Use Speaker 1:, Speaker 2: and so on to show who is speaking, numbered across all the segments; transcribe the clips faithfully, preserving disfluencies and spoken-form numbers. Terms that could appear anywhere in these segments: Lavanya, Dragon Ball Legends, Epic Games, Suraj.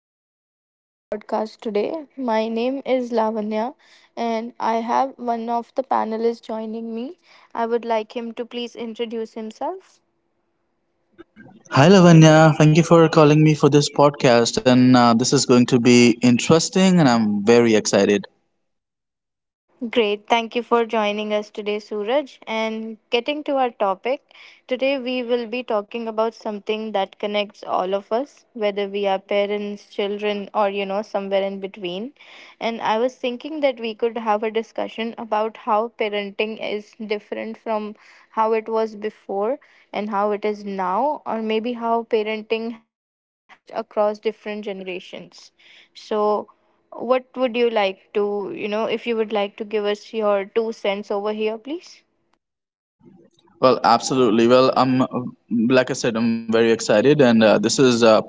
Speaker 1: welcome to our podcast today. My name is Lavanya, and I have one of the panelists joining me. I would like him to please introduce himself.
Speaker 2: Hi Lavanya, thank you for calling me for this podcast, and uh, this is going to be interesting, and I'm very excited.
Speaker 1: Great. Thank you for joining us today, Suraj. And getting to our topic, today we will be talking about something that connects all of us, whether we are parents, children, or you know, somewhere in between. And I was thinking that we could have a discussion about how parenting is different from how it was before and how it is now, or maybe how parenting has changed across different generations. So, what would you like to, you know, if you would like to give us your two cents over here, please?
Speaker 2: Well, absolutely. Well, I'm like I said, I'm very excited, and uh, this is uh,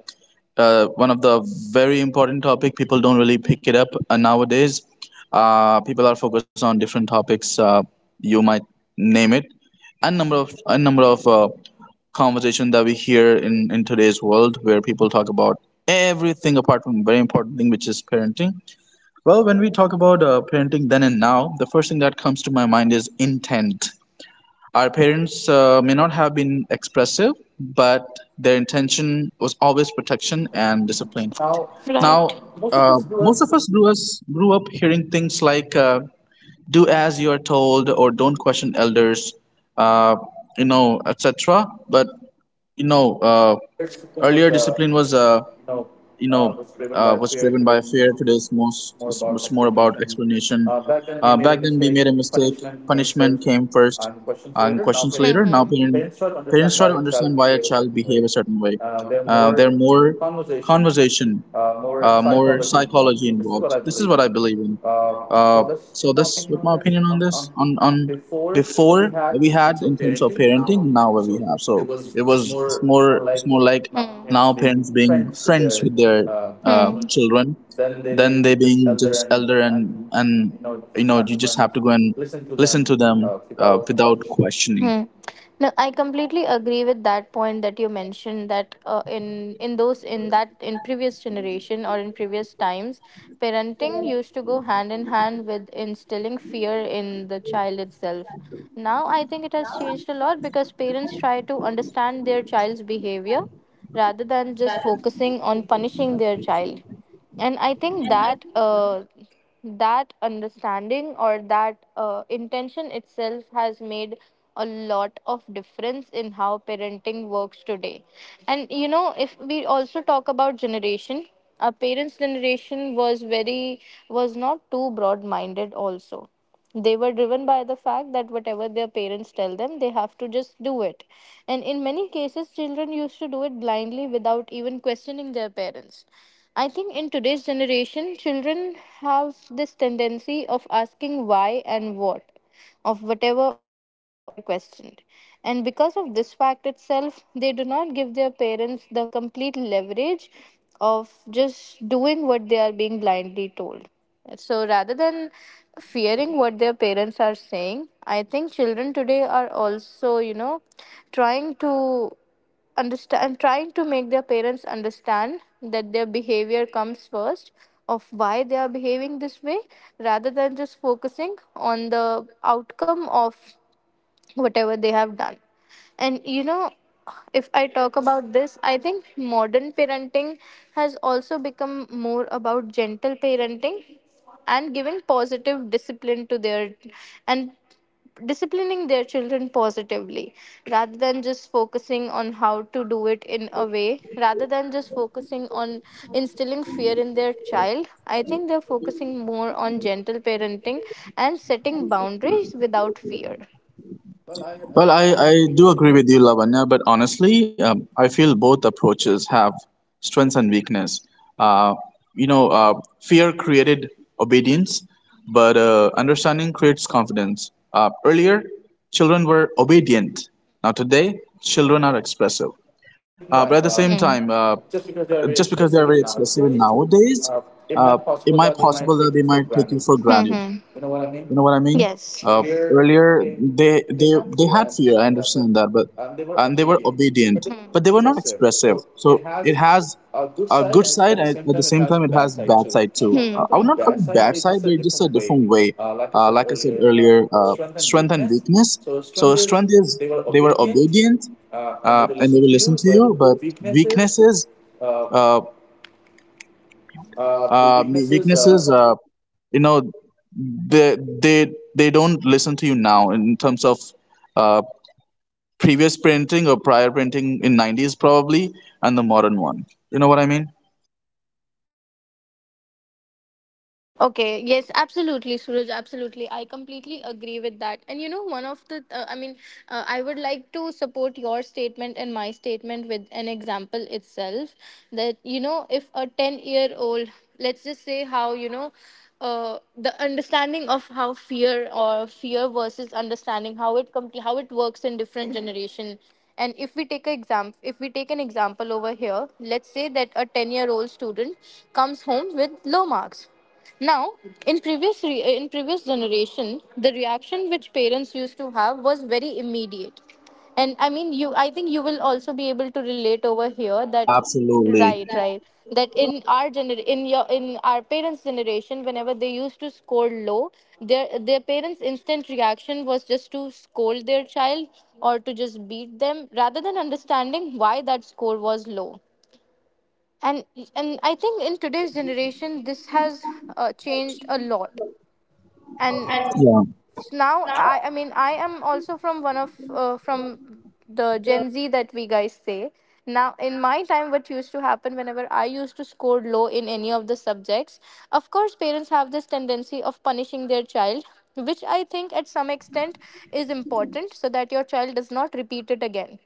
Speaker 2: uh, one of the very important topic. People don't really pick it up uh, nowadays. Uh, people are focused on different topics. Uh, you might name it, and number of a number of uh, conversation that we hear in in today's world, where people talk about everything apart from very important thing, which is parenting. Well, when we talk about uh, parenting then and now, the first thing that comes to my mind is intent. Our parents uh, may not have been expressive, but their intention was always protection and discipline.
Speaker 1: Now, right.
Speaker 2: Now,
Speaker 1: Uh, most of
Speaker 2: uh,
Speaker 1: us do
Speaker 2: Most of
Speaker 1: us
Speaker 2: us grew, us grew up hearing things like uh, "do as you are told" or "don't question elders," uh, you know, et cetera. But you know, uh,
Speaker 1: earlier shipping was,
Speaker 2: Earlier
Speaker 1: uh,
Speaker 2: discipline was uh,
Speaker 1: you know,
Speaker 2: you
Speaker 1: uh,
Speaker 2: know
Speaker 1: was driven
Speaker 2: uh,
Speaker 1: by
Speaker 2: was
Speaker 1: fear.
Speaker 2: driven by
Speaker 1: Today
Speaker 2: fear.
Speaker 1: more,
Speaker 2: Today is most
Speaker 1: more
Speaker 2: is
Speaker 1: about
Speaker 2: was more about
Speaker 1: explanation.
Speaker 2: explanation.
Speaker 1: Uh, back then we
Speaker 2: Uh,
Speaker 1: made a
Speaker 2: back then we
Speaker 1: mistake.
Speaker 2: made a mistake,
Speaker 1: Punishment came
Speaker 2: punishment
Speaker 1: first
Speaker 2: came first,
Speaker 1: and questions
Speaker 2: uh, and
Speaker 1: later. Now
Speaker 2: questions
Speaker 1: parents,
Speaker 2: later. Now
Speaker 1: Mm-hmm.
Speaker 2: parent,
Speaker 1: parents try to
Speaker 2: parents
Speaker 1: understand
Speaker 2: try
Speaker 1: why
Speaker 2: to
Speaker 1: a
Speaker 2: understand
Speaker 1: child
Speaker 2: why a
Speaker 1: behave a
Speaker 2: child
Speaker 1: certain
Speaker 2: behave
Speaker 1: way.
Speaker 2: a certain way.
Speaker 1: Uh, there are
Speaker 2: uh,
Speaker 1: more
Speaker 2: they're more
Speaker 1: conversations.
Speaker 2: conversation,
Speaker 1: Uh, more
Speaker 2: uh, more
Speaker 1: psychology involved.
Speaker 2: psychology
Speaker 1: This is
Speaker 2: involved.
Speaker 1: what I
Speaker 2: This is
Speaker 1: believe
Speaker 2: what
Speaker 1: in.
Speaker 2: I believe in.
Speaker 1: Uh,
Speaker 2: Uh,
Speaker 1: so that's
Speaker 2: so
Speaker 1: my
Speaker 2: this,
Speaker 1: opinion
Speaker 2: with
Speaker 1: on
Speaker 2: my
Speaker 1: this.
Speaker 2: opinion on
Speaker 1: On, on
Speaker 2: this, on on
Speaker 1: before we
Speaker 2: before what
Speaker 1: had
Speaker 2: we had
Speaker 1: influence of
Speaker 2: in terms of
Speaker 1: parenting, and
Speaker 2: parenting,
Speaker 1: now we have.
Speaker 2: now what we
Speaker 1: So
Speaker 2: have.
Speaker 1: it
Speaker 2: So
Speaker 1: was
Speaker 2: it
Speaker 1: it's
Speaker 2: was it's
Speaker 1: more it's
Speaker 2: more
Speaker 1: more
Speaker 2: it's
Speaker 1: like
Speaker 2: more like
Speaker 1: my Hmm. parents
Speaker 2: now
Speaker 1: being
Speaker 2: parents being
Speaker 1: friends with
Speaker 2: friends
Speaker 1: their
Speaker 2: with their
Speaker 1: uh,
Speaker 2: uh,
Speaker 1: Hmm.
Speaker 2: children,
Speaker 1: then they
Speaker 2: then they
Speaker 1: being just
Speaker 2: being
Speaker 1: elder
Speaker 2: just
Speaker 1: and
Speaker 2: elder and
Speaker 1: and
Speaker 2: and
Speaker 1: you know
Speaker 2: you
Speaker 1: just
Speaker 2: know
Speaker 1: have
Speaker 2: you
Speaker 1: to go
Speaker 2: just have
Speaker 1: and
Speaker 2: to go and
Speaker 1: listen to
Speaker 2: listen
Speaker 1: them
Speaker 2: to them
Speaker 1: uh,
Speaker 2: uh,
Speaker 1: without
Speaker 2: without
Speaker 1: questioning.
Speaker 2: questioning.
Speaker 1: Hmm. No, I completely agree with that point that you mentioned that uh, in in those in that in previous generation or in previous times, parenting used to go hand in hand with instilling fear in the child itself. Now, I think it has changed a lot because parents try to understand their child's behavior rather than just focusing on punishing their child. And I think that uh, that understanding or that uh, intention itself has made a lot of difference in how parenting works today. And you know, if we also talk about generation, our parents' generation was very was not too broad-minded also. They were driven by the fact that whatever their parents tell them, they have to just do it. And in many cases, children used to do it blindly without even questioning their parents. I think in today's generation, children have this tendency of asking why and what of whatever or whenever they are questioned. And because of this fact itself, they do not give their parents the complete leverage of just doing what they are being blindly told. So rather than fearing what their parents are saying, I think children today are also, you know, trying to understand, trying to make their parents understand that their behavior comes first, of why they are behaving this way, rather than just focusing on the outcome of whatever they have done. And you know, if I talk about this, I think modern parenting has also become more about gentle parenting and giving positive discipline to their and disciplining their children positively, rather than just focusing on how to do it in a way, rather than just focusing on instilling fear in their child. I think they're focusing more on gentle parenting and setting boundaries without fear. Well, I, I
Speaker 2: Well, I,
Speaker 1: do agree
Speaker 2: I
Speaker 1: with
Speaker 2: do
Speaker 1: you.
Speaker 2: agree with you, Lavanya, but honestly, um, I feel both approaches have strengths and weakness. Uh, you know, uh, Fear created obedience, but uh, understanding creates confidence. Uh, earlier, children were obedient. Now, today, children are expressive.
Speaker 1: Same
Speaker 2: Uh, but
Speaker 1: time,
Speaker 2: at the
Speaker 1: uh,
Speaker 2: same
Speaker 1: Hmm.
Speaker 2: time, uh,
Speaker 1: just because they are very
Speaker 2: just because they are very
Speaker 1: expressive
Speaker 2: expressive
Speaker 1: nowadays,
Speaker 2: nowadays,
Speaker 1: uh, it
Speaker 2: uh,
Speaker 1: might
Speaker 2: it
Speaker 1: possible
Speaker 2: might
Speaker 1: that they might
Speaker 2: possible that
Speaker 1: take
Speaker 2: they
Speaker 1: it
Speaker 2: might
Speaker 1: for
Speaker 2: take you
Speaker 1: granted.
Speaker 2: for granted.
Speaker 1: Hmm. You know what I
Speaker 2: You
Speaker 1: mean?
Speaker 2: know what I mean?
Speaker 1: Yes.
Speaker 2: Uh,
Speaker 1: Earlier,
Speaker 2: Earlier,
Speaker 1: they, they,
Speaker 2: they
Speaker 1: they
Speaker 2: they
Speaker 1: have
Speaker 2: they
Speaker 1: fear, I
Speaker 2: had fear. I
Speaker 1: understand that, but
Speaker 2: understand that, but
Speaker 1: um, they were
Speaker 2: and they were
Speaker 1: obedient,
Speaker 2: obedient,
Speaker 1: but they Hmm. were Hmm.
Speaker 2: but they were not
Speaker 1: expressive.
Speaker 2: expressive.
Speaker 1: So
Speaker 2: So
Speaker 1: it
Speaker 2: it
Speaker 1: has
Speaker 2: has
Speaker 1: a good
Speaker 2: a
Speaker 1: side,
Speaker 2: good
Speaker 1: and
Speaker 2: side,
Speaker 1: at the
Speaker 2: and at
Speaker 1: same
Speaker 2: the
Speaker 1: time, it
Speaker 2: same
Speaker 1: has
Speaker 2: time, it
Speaker 1: bad
Speaker 2: has
Speaker 1: side
Speaker 2: bad
Speaker 1: too.
Speaker 2: side
Speaker 1: Uh,
Speaker 2: too.
Speaker 1: Hmm.
Speaker 2: Uh,
Speaker 1: Not
Speaker 2: I would
Speaker 1: really
Speaker 2: not call
Speaker 1: bad
Speaker 2: it
Speaker 1: side,
Speaker 2: bad
Speaker 1: but it's
Speaker 2: side,
Speaker 1: just a
Speaker 2: but it's just a
Speaker 1: different way.
Speaker 2: different way.
Speaker 1: Uh, like I
Speaker 2: Uh,
Speaker 1: said
Speaker 2: like I said
Speaker 1: earlier, uh,
Speaker 2: earlier, uh,
Speaker 1: strength and
Speaker 2: strength and
Speaker 1: weakness.
Speaker 2: weakness.
Speaker 1: So strength
Speaker 2: So
Speaker 1: is
Speaker 2: strength
Speaker 1: they
Speaker 2: is
Speaker 1: were
Speaker 2: they were
Speaker 1: obedient,
Speaker 2: obedient,
Speaker 1: uh, and they
Speaker 2: uh,
Speaker 1: will
Speaker 2: and they
Speaker 1: listen
Speaker 2: will
Speaker 1: to
Speaker 2: listen
Speaker 1: you,
Speaker 2: to
Speaker 1: but
Speaker 2: you. But
Speaker 1: weaknesses
Speaker 2: weaknesses,
Speaker 1: uh,
Speaker 2: uh,
Speaker 1: uh, the
Speaker 2: uh,
Speaker 1: weaknesses.
Speaker 2: weaknesses.
Speaker 1: uh.
Speaker 2: uh, you know they they they don't listen to you now in terms of uh, previous printing or prior printing in nineties probably and the modern one. You know what I mean?
Speaker 1: Okay, yes, absolutely, Suraj, absolutely. I completely agree with that. And you know, one of the, uh, I mean, uh, I would like to support your statement and my statement with an example itself that, you know, if a ten-year-old, let's just say how, you know, uh, the understanding of how fear or fear versus understanding how it com- how it works in different generation. And if we take a exam if we take an example over here. Let's say that a ten-year-old student comes home with low marks. Now, in previous re- uh, in previous generation, the reaction which parents used to have was very immediate, and I mean, you I think you will also be able to relate over here that
Speaker 2: Absolutely.
Speaker 1: right, right, that in our gener- in your in our parents' generation, whenever they used to score low, their their parents' instant reaction was just to scold their child or to just beat them rather than understanding why that score was low. And and I think in today's generation, this has uh, changed a lot. And now i i mean, I am also from one of, uh, from the Gen Z that we guys say. Now in my time, what used to happen whenever I used to score low in any of the subjects, of course parents have this tendency of punishing their child, which I think at some extent is important so that your child does not repeat it again.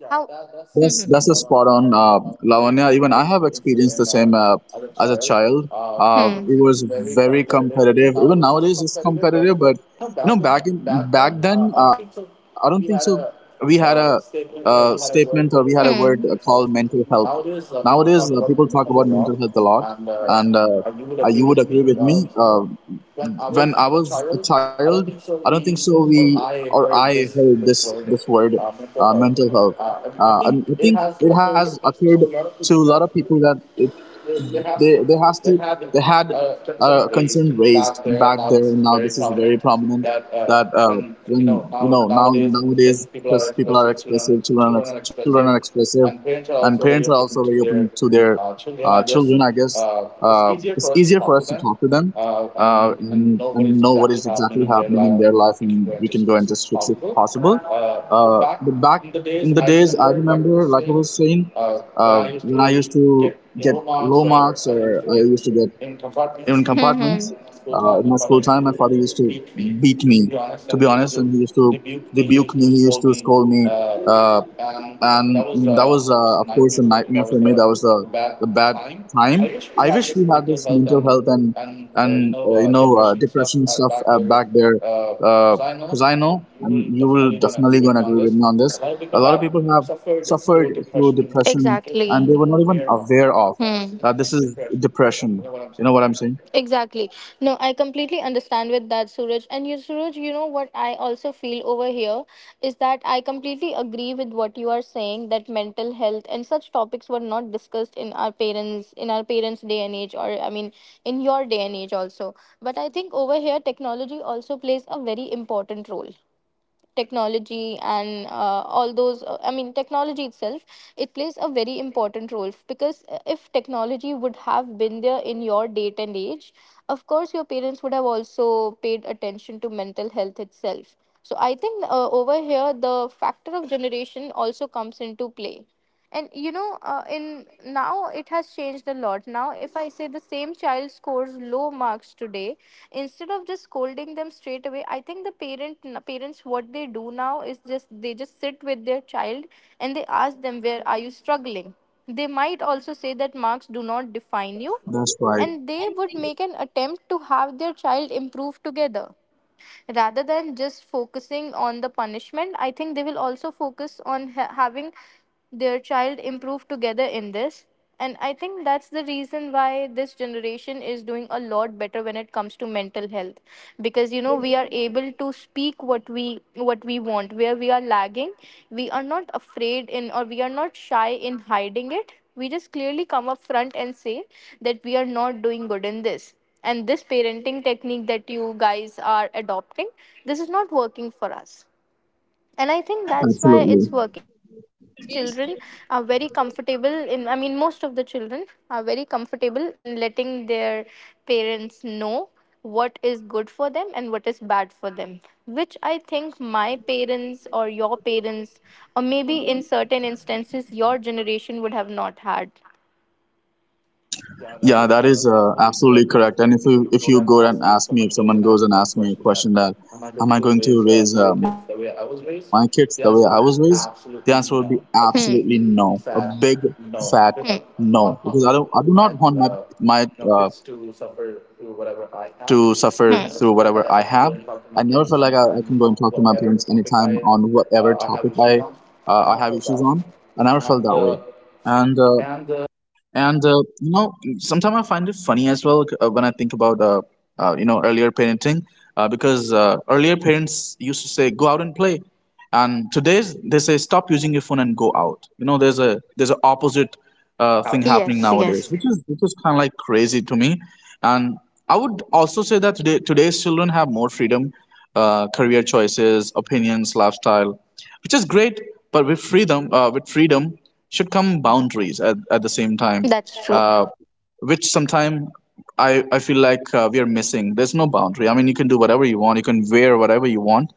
Speaker 1: Yeah, how?
Speaker 2: Yeah,
Speaker 1: that,
Speaker 2: that
Speaker 1: that's Hmm,
Speaker 2: that's
Speaker 1: hmm.
Speaker 2: that's a
Speaker 1: spot on.
Speaker 2: spot
Speaker 1: Uh,
Speaker 2: on, uh,
Speaker 1: Lavanya, even
Speaker 2: Lavanya.
Speaker 1: I
Speaker 2: Even
Speaker 1: have
Speaker 2: I have
Speaker 1: experienced the
Speaker 2: experienced the
Speaker 1: same uh,
Speaker 2: same uh,
Speaker 1: as a
Speaker 2: as a
Speaker 1: child.
Speaker 2: child.
Speaker 1: Uh,
Speaker 2: Uh,
Speaker 1: it Hmm. was
Speaker 2: it was
Speaker 1: very
Speaker 2: very
Speaker 1: competitive.
Speaker 2: competitive.
Speaker 1: Even
Speaker 2: Even
Speaker 1: nowadays, it's
Speaker 2: nowadays, it's
Speaker 1: competitive,
Speaker 2: competitive.
Speaker 1: but
Speaker 2: But
Speaker 1: no,
Speaker 2: you
Speaker 1: back
Speaker 2: know,
Speaker 1: then,
Speaker 2: back in
Speaker 1: back
Speaker 2: back
Speaker 1: then
Speaker 2: then,
Speaker 1: uh, I
Speaker 2: uh,
Speaker 1: don't
Speaker 2: I
Speaker 1: think
Speaker 2: don't
Speaker 1: so.
Speaker 2: think so.
Speaker 1: We had
Speaker 2: We
Speaker 1: a
Speaker 2: had a,
Speaker 1: uh,
Speaker 2: uh
Speaker 1: statement, you know, we
Speaker 2: statement
Speaker 1: had
Speaker 2: or
Speaker 1: a
Speaker 2: we had
Speaker 1: word
Speaker 2: a
Speaker 1: that
Speaker 2: word
Speaker 1: called
Speaker 2: uh,
Speaker 1: Hmm.
Speaker 2: called
Speaker 1: mental
Speaker 2: mental
Speaker 1: health.
Speaker 2: health.
Speaker 1: Nowadays, uh,
Speaker 2: Nowadays,
Speaker 1: people
Speaker 2: uh,
Speaker 1: talk
Speaker 2: people
Speaker 1: about
Speaker 2: talk
Speaker 1: mental
Speaker 2: about
Speaker 1: health a
Speaker 2: mental
Speaker 1: lot,
Speaker 2: health a lot,
Speaker 1: and uh,
Speaker 2: and uh,
Speaker 1: uh, you would
Speaker 2: uh,
Speaker 1: agree
Speaker 2: you would
Speaker 1: with me.
Speaker 2: agree with
Speaker 1: Uh,
Speaker 2: me. Uh,
Speaker 1: when I was
Speaker 2: when I
Speaker 1: a
Speaker 2: was a
Speaker 1: child,
Speaker 2: child,
Speaker 1: I don't think
Speaker 2: I
Speaker 1: so.
Speaker 2: don't think
Speaker 1: We
Speaker 2: so.
Speaker 1: or
Speaker 2: We or
Speaker 1: I
Speaker 2: I
Speaker 1: heard this
Speaker 2: heard
Speaker 1: this
Speaker 2: this
Speaker 1: word,
Speaker 2: this word,
Speaker 1: uh, mental
Speaker 2: uh,
Speaker 1: health.
Speaker 2: mental health,
Speaker 1: Uh, and I
Speaker 2: uh,
Speaker 1: think
Speaker 2: and I
Speaker 1: it
Speaker 2: think
Speaker 1: has
Speaker 2: it has
Speaker 1: occurred
Speaker 2: occurred
Speaker 1: to a lot of
Speaker 2: to a
Speaker 1: people
Speaker 2: lot of
Speaker 1: that
Speaker 2: people that uh,
Speaker 1: they, they
Speaker 2: they
Speaker 1: have to
Speaker 2: they has to
Speaker 1: they had
Speaker 2: they had
Speaker 1: uh,
Speaker 2: a
Speaker 1: concern
Speaker 2: concern
Speaker 1: raised
Speaker 2: raised
Speaker 1: back there, and
Speaker 2: back
Speaker 1: now
Speaker 2: there,
Speaker 1: this is
Speaker 2: now
Speaker 1: very
Speaker 2: this is very
Speaker 1: prominent.
Speaker 2: prominent.
Speaker 1: That uh,
Speaker 2: That uh,
Speaker 1: when you
Speaker 2: when
Speaker 1: know
Speaker 2: you
Speaker 1: now
Speaker 2: know now
Speaker 1: nowadays
Speaker 2: Nowadays,
Speaker 1: people are
Speaker 2: because people are
Speaker 1: expressive, children
Speaker 2: expressive, children are
Speaker 1: children
Speaker 2: ex-
Speaker 1: are
Speaker 2: children are
Speaker 1: expressive,
Speaker 2: expressive,
Speaker 1: and parents are
Speaker 2: and
Speaker 1: also
Speaker 2: parents are
Speaker 1: very
Speaker 2: also
Speaker 1: open
Speaker 2: very
Speaker 1: to
Speaker 2: open
Speaker 1: their
Speaker 2: to their
Speaker 1: uh, children.
Speaker 2: uh,
Speaker 1: I guess
Speaker 2: children, I guess.
Speaker 1: uh, it's
Speaker 2: Uh,
Speaker 1: easier
Speaker 2: it's
Speaker 1: for us to
Speaker 2: easier
Speaker 1: talk
Speaker 2: for
Speaker 1: to
Speaker 2: us to
Speaker 1: them
Speaker 2: talk to them,
Speaker 1: uh,
Speaker 2: uh,
Speaker 1: and, and
Speaker 2: and,
Speaker 1: know
Speaker 2: and
Speaker 1: what is
Speaker 2: know what
Speaker 1: exactly
Speaker 2: is
Speaker 1: happening
Speaker 2: exactly
Speaker 1: in their
Speaker 2: happening in
Speaker 1: life,
Speaker 2: their
Speaker 1: and
Speaker 2: life,
Speaker 1: we can
Speaker 2: and
Speaker 1: go and
Speaker 2: we
Speaker 1: just
Speaker 2: can go
Speaker 1: fix
Speaker 2: and
Speaker 1: it
Speaker 2: just
Speaker 1: if
Speaker 2: fix it if
Speaker 1: possible.
Speaker 2: possible.
Speaker 1: Uh, but
Speaker 2: Uh,
Speaker 1: back
Speaker 2: but back
Speaker 1: in the days,
Speaker 2: in the
Speaker 1: I
Speaker 2: days, I
Speaker 1: remember, like I was
Speaker 2: remember, like I
Speaker 1: saying,
Speaker 2: was saying,
Speaker 1: uh, when
Speaker 2: uh,
Speaker 1: I used
Speaker 2: when I used
Speaker 1: to
Speaker 2: to
Speaker 1: get
Speaker 2: get
Speaker 1: low marks
Speaker 2: low
Speaker 1: or
Speaker 2: marks,
Speaker 1: I used
Speaker 2: or
Speaker 1: to
Speaker 2: I
Speaker 1: get
Speaker 2: used to get
Speaker 1: in
Speaker 2: even
Speaker 1: compartments.
Speaker 2: compartments.
Speaker 1: Mm-hmm. School
Speaker 2: Uh, in my
Speaker 1: time, my
Speaker 2: school
Speaker 1: father
Speaker 2: time,
Speaker 1: used
Speaker 2: my
Speaker 1: to
Speaker 2: father used to
Speaker 1: beat me.
Speaker 2: beat me,
Speaker 1: To be
Speaker 2: to
Speaker 1: honest,
Speaker 2: be
Speaker 1: and he used
Speaker 2: honest, and
Speaker 1: to
Speaker 2: he used to
Speaker 1: rebuke me, he
Speaker 2: rebuke
Speaker 1: used
Speaker 2: me.
Speaker 1: to
Speaker 2: He used
Speaker 1: scold
Speaker 2: to
Speaker 1: me.
Speaker 2: scold me.
Speaker 1: Uh,
Speaker 2: Uh,
Speaker 1: and, and
Speaker 2: and
Speaker 1: that was, uh,
Speaker 2: that
Speaker 1: of
Speaker 2: was
Speaker 1: course
Speaker 2: uh,
Speaker 1: in
Speaker 2: of
Speaker 1: my
Speaker 2: course
Speaker 1: opinion
Speaker 2: a
Speaker 1: for me,
Speaker 2: nightmare
Speaker 1: that was
Speaker 2: for me,
Speaker 1: a
Speaker 2: that was the
Speaker 1: bad
Speaker 2: the bad
Speaker 1: time.
Speaker 2: time.
Speaker 1: I wish we
Speaker 2: I
Speaker 1: had
Speaker 2: wish we
Speaker 1: this
Speaker 2: had
Speaker 1: mental
Speaker 2: this
Speaker 1: health
Speaker 2: mental
Speaker 1: and
Speaker 2: health and
Speaker 1: and uh, you
Speaker 2: and
Speaker 1: know
Speaker 2: uh, you
Speaker 1: uh,
Speaker 2: know uh,
Speaker 1: depression stuff
Speaker 2: depression
Speaker 1: at
Speaker 2: stuff
Speaker 1: back
Speaker 2: uh,
Speaker 1: there,
Speaker 2: back there,
Speaker 1: because uh, I know,
Speaker 2: because I know,
Speaker 1: and you
Speaker 2: and
Speaker 1: will
Speaker 2: you will
Speaker 1: definitely gonna agree
Speaker 2: definitely
Speaker 1: with
Speaker 2: gonna
Speaker 1: me on
Speaker 2: agree with
Speaker 1: this.
Speaker 2: me on
Speaker 1: A
Speaker 2: this.
Speaker 1: lot of
Speaker 2: A
Speaker 1: people
Speaker 2: lot of
Speaker 1: have
Speaker 2: people have
Speaker 1: suffered
Speaker 2: suffered
Speaker 1: through
Speaker 2: through
Speaker 1: depression.
Speaker 2: depression and they
Speaker 1: Exactly.
Speaker 2: were not even
Speaker 1: Aware of.
Speaker 2: aware of
Speaker 1: Hmm,
Speaker 2: that this is
Speaker 1: depression.
Speaker 2: depression.
Speaker 1: You know what I'm
Speaker 2: You
Speaker 1: saying?
Speaker 2: know what I'm saying?
Speaker 1: Exactly. No, I completely understand with that, Suraj. And you, Suraj, you know what I also feel over here is that I completely agree with what you are saying that mental health and such topics were not discussed in our parents in our parents' day and age, or I mean, in your day and age also. But I think over here, technology also plays a very important role, technology and uh, all those uh, I mean technology itself, it plays a very important role f- because uh, if technology would have been there in your date and age, of course your parents would have also paid attention to mental health itself. So I think uh, over here the factor of generation also comes into play. And you know, uh, in now it has changed a lot. Now if I say the same child scores low marks today, instead of just scolding them straight away, I think the parent parents, what they do now is just they just sit with their child, and they ask them, where are you struggling. They might also say that marks do not define you,
Speaker 2: That's right.
Speaker 1: and they would make an attempt to have their child improve together rather than just focusing on the punishment. I think they will also focus on ha- having their child improve together in this. And I think that's the reason why this generation is doing a lot better when it comes to mental health, because you know, we are able to speak what we what we want, where we are lagging. We are not afraid in, or we are not shy in hiding it. We just clearly come up front and say that we are not doing good in this. And this parenting technique that you guys are adopting, this is not working for us. And I think that's why it's
Speaker 2: Absolutely.
Speaker 1: working, because today's children are very comfortable in, I mean, most of the children are very comfortable in letting their parents know what is good for them and what is bad for them, which I think my parents or your parents, or maybe in certain instances your generation would have not had. Yeah, that
Speaker 2: Yeah,
Speaker 1: is
Speaker 2: that
Speaker 1: uh,
Speaker 2: is uh,
Speaker 1: absolutely
Speaker 2: absolutely
Speaker 1: correct. And if
Speaker 2: correct.
Speaker 1: you
Speaker 2: And if
Speaker 1: if
Speaker 2: you
Speaker 1: you
Speaker 2: if
Speaker 1: go
Speaker 2: you
Speaker 1: and
Speaker 2: go and
Speaker 1: ask me, if
Speaker 2: ask me, if
Speaker 1: someone goes
Speaker 2: someone
Speaker 1: and
Speaker 2: goes
Speaker 1: asks
Speaker 2: and
Speaker 1: me a
Speaker 2: asks me a
Speaker 1: question that
Speaker 2: question that
Speaker 1: am I
Speaker 2: am
Speaker 1: going
Speaker 2: I
Speaker 1: to
Speaker 2: going to
Speaker 1: raise uh,
Speaker 2: raise
Speaker 1: my
Speaker 2: uh, my
Speaker 1: kids the
Speaker 2: kids
Speaker 1: way I
Speaker 2: the way
Speaker 1: was
Speaker 2: I was
Speaker 1: raised,
Speaker 2: raised?
Speaker 1: the answer
Speaker 2: The
Speaker 1: will be
Speaker 2: answer would be
Speaker 1: absolutely
Speaker 2: absolutely
Speaker 1: no. A
Speaker 2: no, a
Speaker 1: Hmm. big
Speaker 2: big
Speaker 1: sad
Speaker 2: fat
Speaker 1: no, because
Speaker 2: no,
Speaker 1: Hmm. I
Speaker 2: because I
Speaker 1: do
Speaker 2: don't I
Speaker 1: not
Speaker 2: do
Speaker 1: want
Speaker 2: not
Speaker 1: my
Speaker 2: want my
Speaker 1: my
Speaker 2: my
Speaker 1: uh,
Speaker 2: uh,
Speaker 1: you know
Speaker 2: you know
Speaker 1: kids
Speaker 2: kids
Speaker 1: to
Speaker 2: to
Speaker 1: suffer
Speaker 2: suffer
Speaker 1: through
Speaker 2: through
Speaker 1: whatever I
Speaker 2: whatever I
Speaker 1: have.
Speaker 2: have.
Speaker 1: Hmm. And
Speaker 2: I
Speaker 1: also,
Speaker 2: never
Speaker 1: like
Speaker 2: felt
Speaker 1: I
Speaker 2: like I,
Speaker 1: actually
Speaker 2: I
Speaker 1: don't
Speaker 2: can go
Speaker 1: talk
Speaker 2: and
Speaker 1: to my
Speaker 2: talk to my
Speaker 1: parents
Speaker 2: parents
Speaker 1: sometimes
Speaker 2: anytime
Speaker 1: on
Speaker 2: on
Speaker 1: whatever
Speaker 2: whatever
Speaker 1: topic
Speaker 2: topic
Speaker 1: I
Speaker 2: I
Speaker 1: uh, I have
Speaker 2: uh, I have
Speaker 1: issues on,
Speaker 2: issues on.
Speaker 1: and I
Speaker 2: I
Speaker 1: feel
Speaker 2: never
Speaker 1: that
Speaker 2: felt
Speaker 1: way.
Speaker 2: that way,
Speaker 1: And
Speaker 2: and
Speaker 1: uh,
Speaker 2: uh,
Speaker 1: and uh,
Speaker 2: and uh, you know, sometimes I find it funny as well uh, when I think about uh, uh, you know earlier parenting, uh, because uh, earlier parents used to say go out and play, and today they say stop using your phone and go out. You know, there's a there's an opposite
Speaker 1: something
Speaker 2: uh, thing
Speaker 1: happened. Yes.
Speaker 2: happening nowadays, which is which is kind of like crazy to me. And I would also say that today today's children have more freedom, uh, career choices, opinions, lifestyle, which is great. But with freedom, uh, with freedom should come boundaries at, at the same time,
Speaker 1: That's true.
Speaker 2: uh, which sometime I, I feel like uh, we are missing. There's no boundary. I mean, you can do whatever you want, you can wear whatever you want,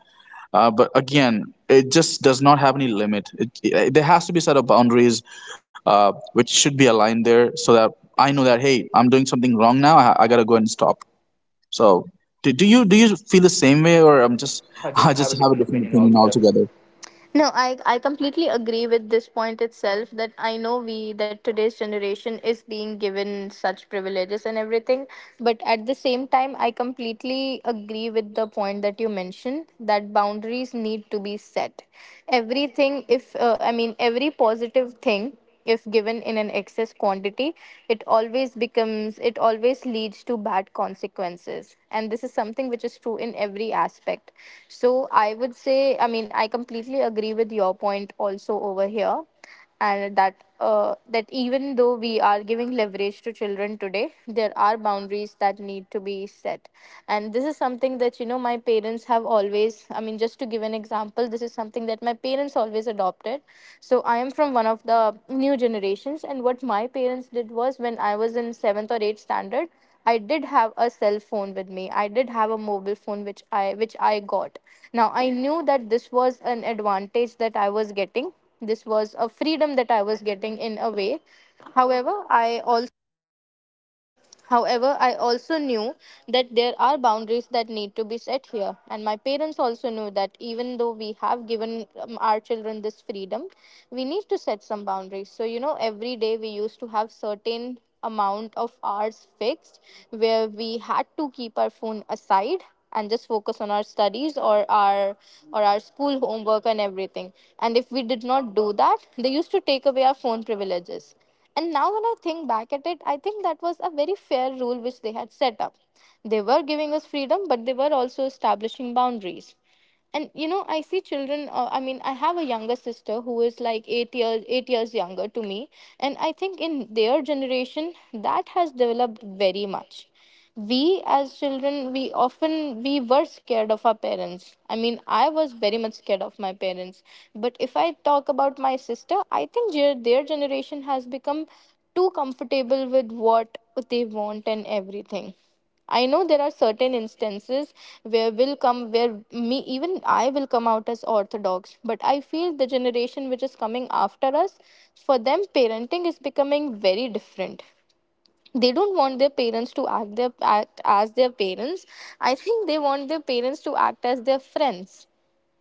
Speaker 2: uh, but again it just does not have any limit. it, it, there has to be a set of boundaries uh, which should be aligned there so that I know that, hey, I'm doing something wrong now, i, I gotta go and stop. So do, do you do you feel the same way, or I'm just
Speaker 1: I
Speaker 2: I
Speaker 1: just have a
Speaker 2: just have a
Speaker 1: different
Speaker 2: different
Speaker 1: opinion
Speaker 2: opinion
Speaker 1: altogether.
Speaker 2: altogether?
Speaker 1: No, I, I completely agree with this point itself that I know we that today's generation is being given such privileges and everything, but at the same time I completely agree with the point that you mentioned that boundaries need to be set. Everything if uh, I mean every positive thing, if given in an excess quantity, it always becomes it always leads to bad consequences, and this is something which is true in every aspect. So I would say, I mean, I completely agree with your point also over here, and that uh, that even though we are giving leverage to children today, there are boundaries that need to be set. And this is something that, you know, my parents have have always, I mean, just to give an example, this is something that my parents always adopted. So I am from one of the new generations, and what my parents did was when I was in seventh or eighth standard, I did have a cell phone with me. I did have a mobile phone which I which I got. Now I knew that this was an advantage that I was getting. This was a freedom that I was getting in a way. However, I also However, I also knew that there are boundaries that need to be set here, and my parents also knew that even though we have given um, our children this freedom, we need to set some boundaries. So, you know, every day we used to have certain amount of hours fixed where we had to keep our phone aside and just focus on our studies or our or our school homework and everything. And if we did not do that, they used to take away our phone privileges. And now, when I think back at it, I think that was a very fair rule which they had set up. They were giving us freedom, but they were also establishing boundaries. And you know, I see children, uh, I mean, I have a younger sister who is like eight years eight years younger to me, and I think in their generation that has developed very much. We as children we often We were scared of our parents, I mean, I was very much scared of my parents. But if I talk about my sister, I think their, their generation has become too comfortable with what they want and everything. I know there are certain instances where will come where me even I will come out as orthodox, but I feel the generation which is coming after us, for them parenting is becoming very different. They don't want their parents to act their act as their parents. I think they want their parents to act as their friends,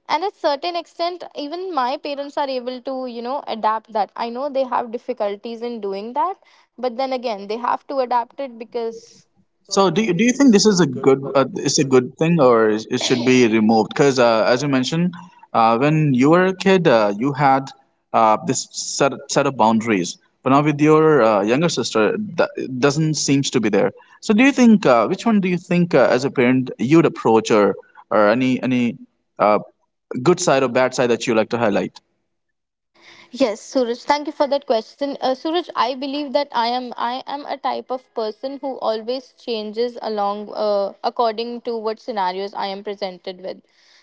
Speaker 1: and at certain extent even my parents are able to, you know, adapt that. I know they have difficulties in doing that, but then again they have to adapt it because so,
Speaker 2: So
Speaker 1: do you
Speaker 2: do
Speaker 1: do
Speaker 2: you,
Speaker 1: you
Speaker 2: do you
Speaker 1: think
Speaker 2: think
Speaker 1: this
Speaker 2: this
Speaker 1: is a a
Speaker 2: is a
Speaker 1: good?
Speaker 2: good
Speaker 1: good.
Speaker 2: uh,
Speaker 1: It's a
Speaker 2: it's a
Speaker 1: good.
Speaker 2: good thing, or is- it should be removed? Because uh, as you mentioned, uh, when you were a kid, uh, you had uh, this set, set of boundaries. But now with your uh, younger sister, that it doesn't seems to be there. So do you think uh, which one do you think uh, as a parent you'd approach, or or any any uh, good side or bad side that you like to highlight?
Speaker 1: Yes, Suraj, thank you for that question. Uh, Suraj, I believe that I am I am a type of person who always changes along, uh, according to what scenarios I am presented with.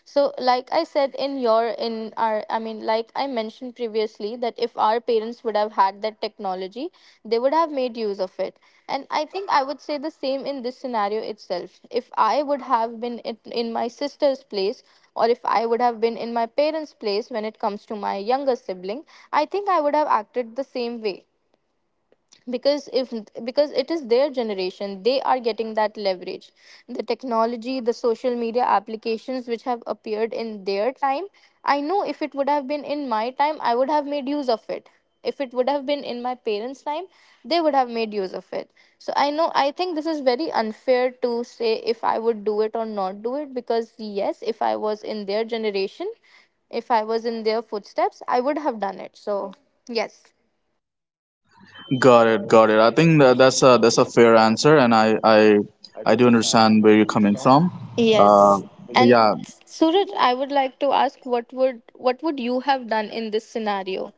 Speaker 1: So, like I said in your in our I mean, like I mentioned previously that if our parents parents would have had that technology, they would have made use of it. And I think I would say the same in this scenario itself. If I would have been in in my sister's place, or if I would have been in my parents' place when it comes to my younger sibling, I think I would have acted the same way, because if because it is their generation, they are getting that leverage, the technology, the social media applications which have appeared in their time. I know if it would have been in my time, I would have made use of it. If it would have been in my parents' time, they would have made use of it. So I know, I think this is very unfair to say if I would do it or not do it, because yes, if I was in their generation, if I was in their footsteps, I would have done it. So, yes.
Speaker 2: Got it, got it. I think that that's a that's a fair answer, and I I
Speaker 1: I do
Speaker 2: I do
Speaker 1: understand
Speaker 2: understand
Speaker 1: where you're
Speaker 2: where you're
Speaker 1: coming
Speaker 2: coming
Speaker 1: from.
Speaker 2: from. Uh,
Speaker 1: Yes.
Speaker 2: but
Speaker 1: And
Speaker 2: yeah,
Speaker 1: Suraj, I would like to ask, what would what would you have done in this scenario?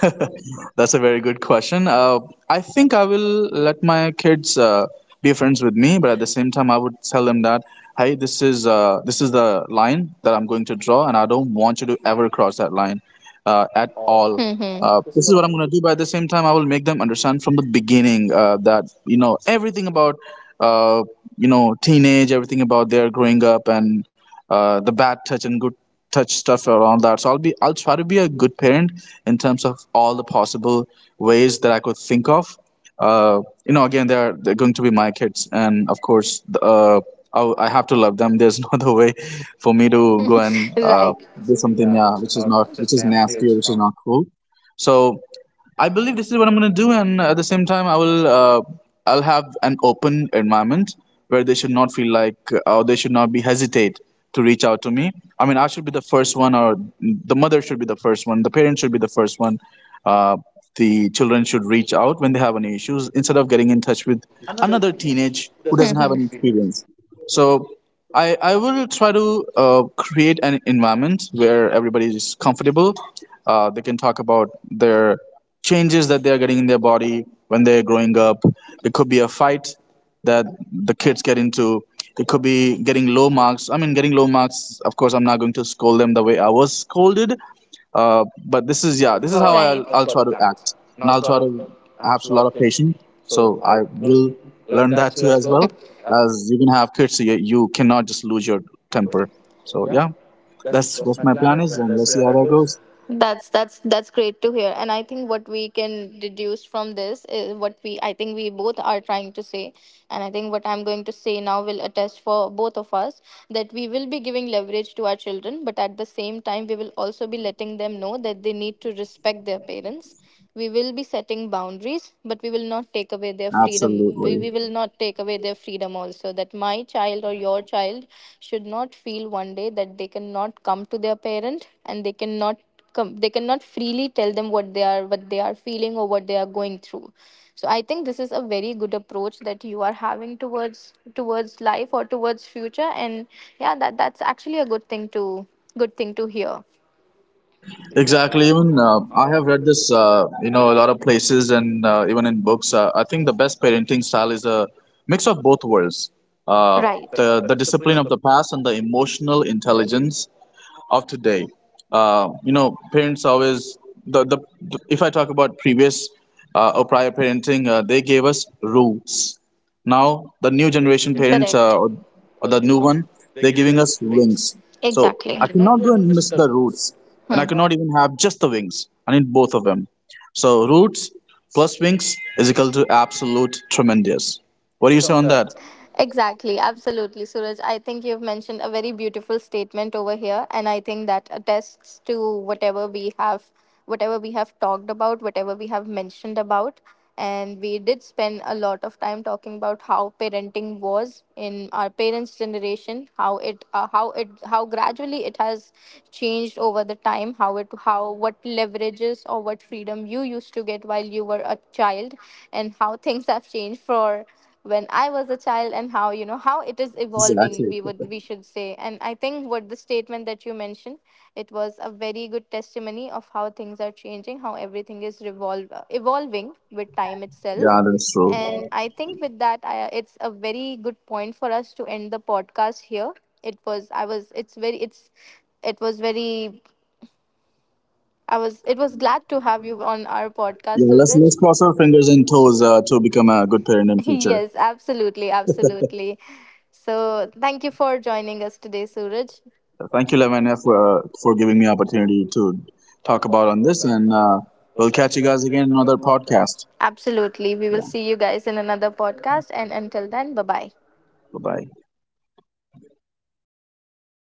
Speaker 2: That's a very good question. Uh, I think I will let my kids uh, be friends with me, but at the same time, I would tell them that, hey, this is uh, this is the line that I'm going to draw, and I don't want you to ever cross that line uh,
Speaker 1: At
Speaker 2: at
Speaker 1: all.
Speaker 2: all.
Speaker 1: Mm-hmm.
Speaker 2: Uh,
Speaker 1: This is
Speaker 2: this
Speaker 1: what
Speaker 2: is
Speaker 1: I'm-
Speaker 2: what I'm going to do. But at the same time, I will make them understand from the beginning uh, that you know everything about uh, you know teenage, everything about their growing up, and uh, the bad touch and good touch stuff around that. So I'll be I'll try to be a good parent in terms of all the possible ways that I could think of. Uh, you know, again, they're they're going to be my kids, and of course, the, uh, I, I have to love them. There's no other way for me to go and uh,
Speaker 1: Right.
Speaker 2: do
Speaker 1: Even,
Speaker 2: something,
Speaker 1: yeah,
Speaker 2: yeah,
Speaker 1: it's just
Speaker 2: which is
Speaker 1: not
Speaker 2: not,
Speaker 1: it's
Speaker 2: which
Speaker 1: just
Speaker 2: is
Speaker 1: nasty.
Speaker 2: nasty or
Speaker 1: It's
Speaker 2: which is
Speaker 1: not
Speaker 2: not cool. So I believe this is what I'm going to do, and at the same time, I will. Uh, I'll have an open environment where they should not feel like, or they should not be hesitate to reach out to me. I mean, I should be the first one, or the mother should be the first one, the parent should be the first one. Uh, the children should reach out when they have any issues instead of getting in touch with
Speaker 1: another
Speaker 2: another
Speaker 1: teenage
Speaker 2: teenage
Speaker 1: who
Speaker 2: who
Speaker 1: doesn't have
Speaker 2: doesn't have
Speaker 1: hmm
Speaker 2: any
Speaker 1: experience.
Speaker 2: experience. So I, I will try to uh, create an environment where everybody is comfortable. Uh, they can talk about their changes that they're getting in their body when they're growing up. It could be a fight that the kids get into. It could be getting low marks. I mean, getting low marks, of course, I'm not going to scold them the way I was scolded. Uh, but this is,
Speaker 1: Yeah,
Speaker 2: yeah,
Speaker 1: this is
Speaker 2: this is
Speaker 1: how,
Speaker 2: how
Speaker 1: Right.
Speaker 2: I'll,
Speaker 1: I
Speaker 2: I'll
Speaker 1: try
Speaker 2: try
Speaker 1: to
Speaker 2: to
Speaker 1: act.
Speaker 2: act,
Speaker 1: And
Speaker 2: and
Speaker 1: I'll
Speaker 2: I'll
Speaker 1: try
Speaker 2: try
Speaker 1: to
Speaker 2: to have
Speaker 1: have a
Speaker 2: a
Speaker 1: lot
Speaker 2: lot
Speaker 1: of
Speaker 2: of
Speaker 1: patience.
Speaker 2: patience.
Speaker 1: So
Speaker 2: So
Speaker 1: I
Speaker 2: I
Speaker 1: will
Speaker 2: will
Speaker 1: learn
Speaker 2: learn
Speaker 1: that
Speaker 2: that
Speaker 1: too
Speaker 2: too
Speaker 1: as
Speaker 2: as
Speaker 1: well
Speaker 2: well.
Speaker 1: as
Speaker 2: As you can have kids, you, you cannot just lose your
Speaker 1: temper.
Speaker 2: temper.
Speaker 1: So
Speaker 2: So
Speaker 1: yeah,
Speaker 2: yeah,
Speaker 1: that's
Speaker 2: that's
Speaker 1: that's
Speaker 2: what
Speaker 1: my
Speaker 2: my
Speaker 1: plan
Speaker 2: plan
Speaker 1: is,
Speaker 2: is,
Speaker 1: and
Speaker 2: and
Speaker 1: let's
Speaker 2: let's
Speaker 1: see
Speaker 2: see
Speaker 1: how
Speaker 2: how
Speaker 1: that
Speaker 2: that
Speaker 1: goes.
Speaker 2: goes.
Speaker 1: That's that's that's great to hear. And I think what we can deduce from this is what we I think we both are trying to say. And I think what I'm going to say now will attest for both of us that we will be giving leverage to our children, but at the same time we will also be letting them know that they need to respect their parents. We will be setting boundaries, but we will not take away their freedom. We, we
Speaker 2: Absolutely,
Speaker 1: will not take away their freedom also that my child or your child should not feel one day that they cannot come to their parent and they cannot com- they cannot freely tell them what they are what they are feeling or what they are going through. So I think this is a very good approach that you are having towards towards life or towards future. And yeah, that that's actually a good thing to good thing to hear. Exactly.
Speaker 2: exactly.
Speaker 1: Even
Speaker 2: Even
Speaker 1: uh,
Speaker 2: uh,
Speaker 1: I
Speaker 2: I
Speaker 1: have
Speaker 2: have
Speaker 1: read
Speaker 2: read
Speaker 1: this.
Speaker 2: this, uh, you know, a lot of places, and uh, even in books. Uh, I think the best parenting style is a mix of both worlds,
Speaker 1: Uh,
Speaker 2: uh,
Speaker 1: right, the,
Speaker 2: the
Speaker 1: the
Speaker 2: the
Speaker 1: discipline
Speaker 2: discipline
Speaker 1: of
Speaker 2: of
Speaker 1: the
Speaker 2: the past and the emotional intelligence of today. Uh, you know, parents always the, the the- if I talk about previous uh, or prior parenting, uh, they gave us rules. Now the
Speaker 1: new
Speaker 2: new
Speaker 1: generation,
Speaker 2: generation
Speaker 1: is,
Speaker 2: parents uh,
Speaker 1: correct,
Speaker 2: or, or
Speaker 1: uh, the
Speaker 2: the
Speaker 1: new
Speaker 2: new
Speaker 1: one,
Speaker 2: one,
Speaker 1: they're
Speaker 2: they're
Speaker 1: giving
Speaker 2: giving
Speaker 1: us
Speaker 2: us
Speaker 1: wings.
Speaker 2: wings.
Speaker 1: I
Speaker 2: So
Speaker 1: exactly I
Speaker 2: I
Speaker 1: cannot
Speaker 2: cannot
Speaker 1: go
Speaker 2: go
Speaker 1: and
Speaker 2: and
Speaker 1: miss
Speaker 2: miss
Speaker 1: the
Speaker 2: the
Speaker 1: rules.
Speaker 2: roots, and I
Speaker 1: Hmm.
Speaker 2: cannot even have just the wings. I need both of them. So roots plus wings is equal to absolute tremendous.
Speaker 1: What
Speaker 2: What
Speaker 1: do
Speaker 2: do
Speaker 1: you
Speaker 2: you
Speaker 1: say
Speaker 2: say
Speaker 1: on
Speaker 2: on that?
Speaker 1: that? Exactly, absolutely, Suraj. I think you've mentioned a very beautiful statement over here, and I think that attests to whatever we have, whatever we have talked about, whatever we have mentioned about, and we did spend a lot of time talking about how parenting was in our parents' generation, how it, uh, how it, how gradually it has changed over the time, how it, how what leverages or what freedom you used to get while you were a child, and how things have changed for when I was a child, and how, you know, how it is evolving,
Speaker 2: Exactly.
Speaker 1: we would we should say. And I think what the statement that you mentioned, it was a very good testimony of how things are changing, how everything is revolve uh, evolving with time itself.
Speaker 2: Yeah, that's true.
Speaker 1: And I think with that I, it's a very good point for us to end the podcast here. It was I was it's very it's it was very I was. It was glad to have you on our podcast,
Speaker 2: Yeah, let's
Speaker 1: Suraj.
Speaker 2: let's cross our fingers and toes uh, to become a good parent in future.
Speaker 1: Yes, absolutely, absolutely. So thank you for joining us today, Suraj.
Speaker 2: Thank you, Lavanya, for uh, for giving me opportunity to talk about on this, and uh, we'll catch you guys again in another podcast.
Speaker 1: Absolutely. We will
Speaker 2: Yeah,
Speaker 1: see you guys in another podcast. And until then, bye bye.
Speaker 2: bye bye.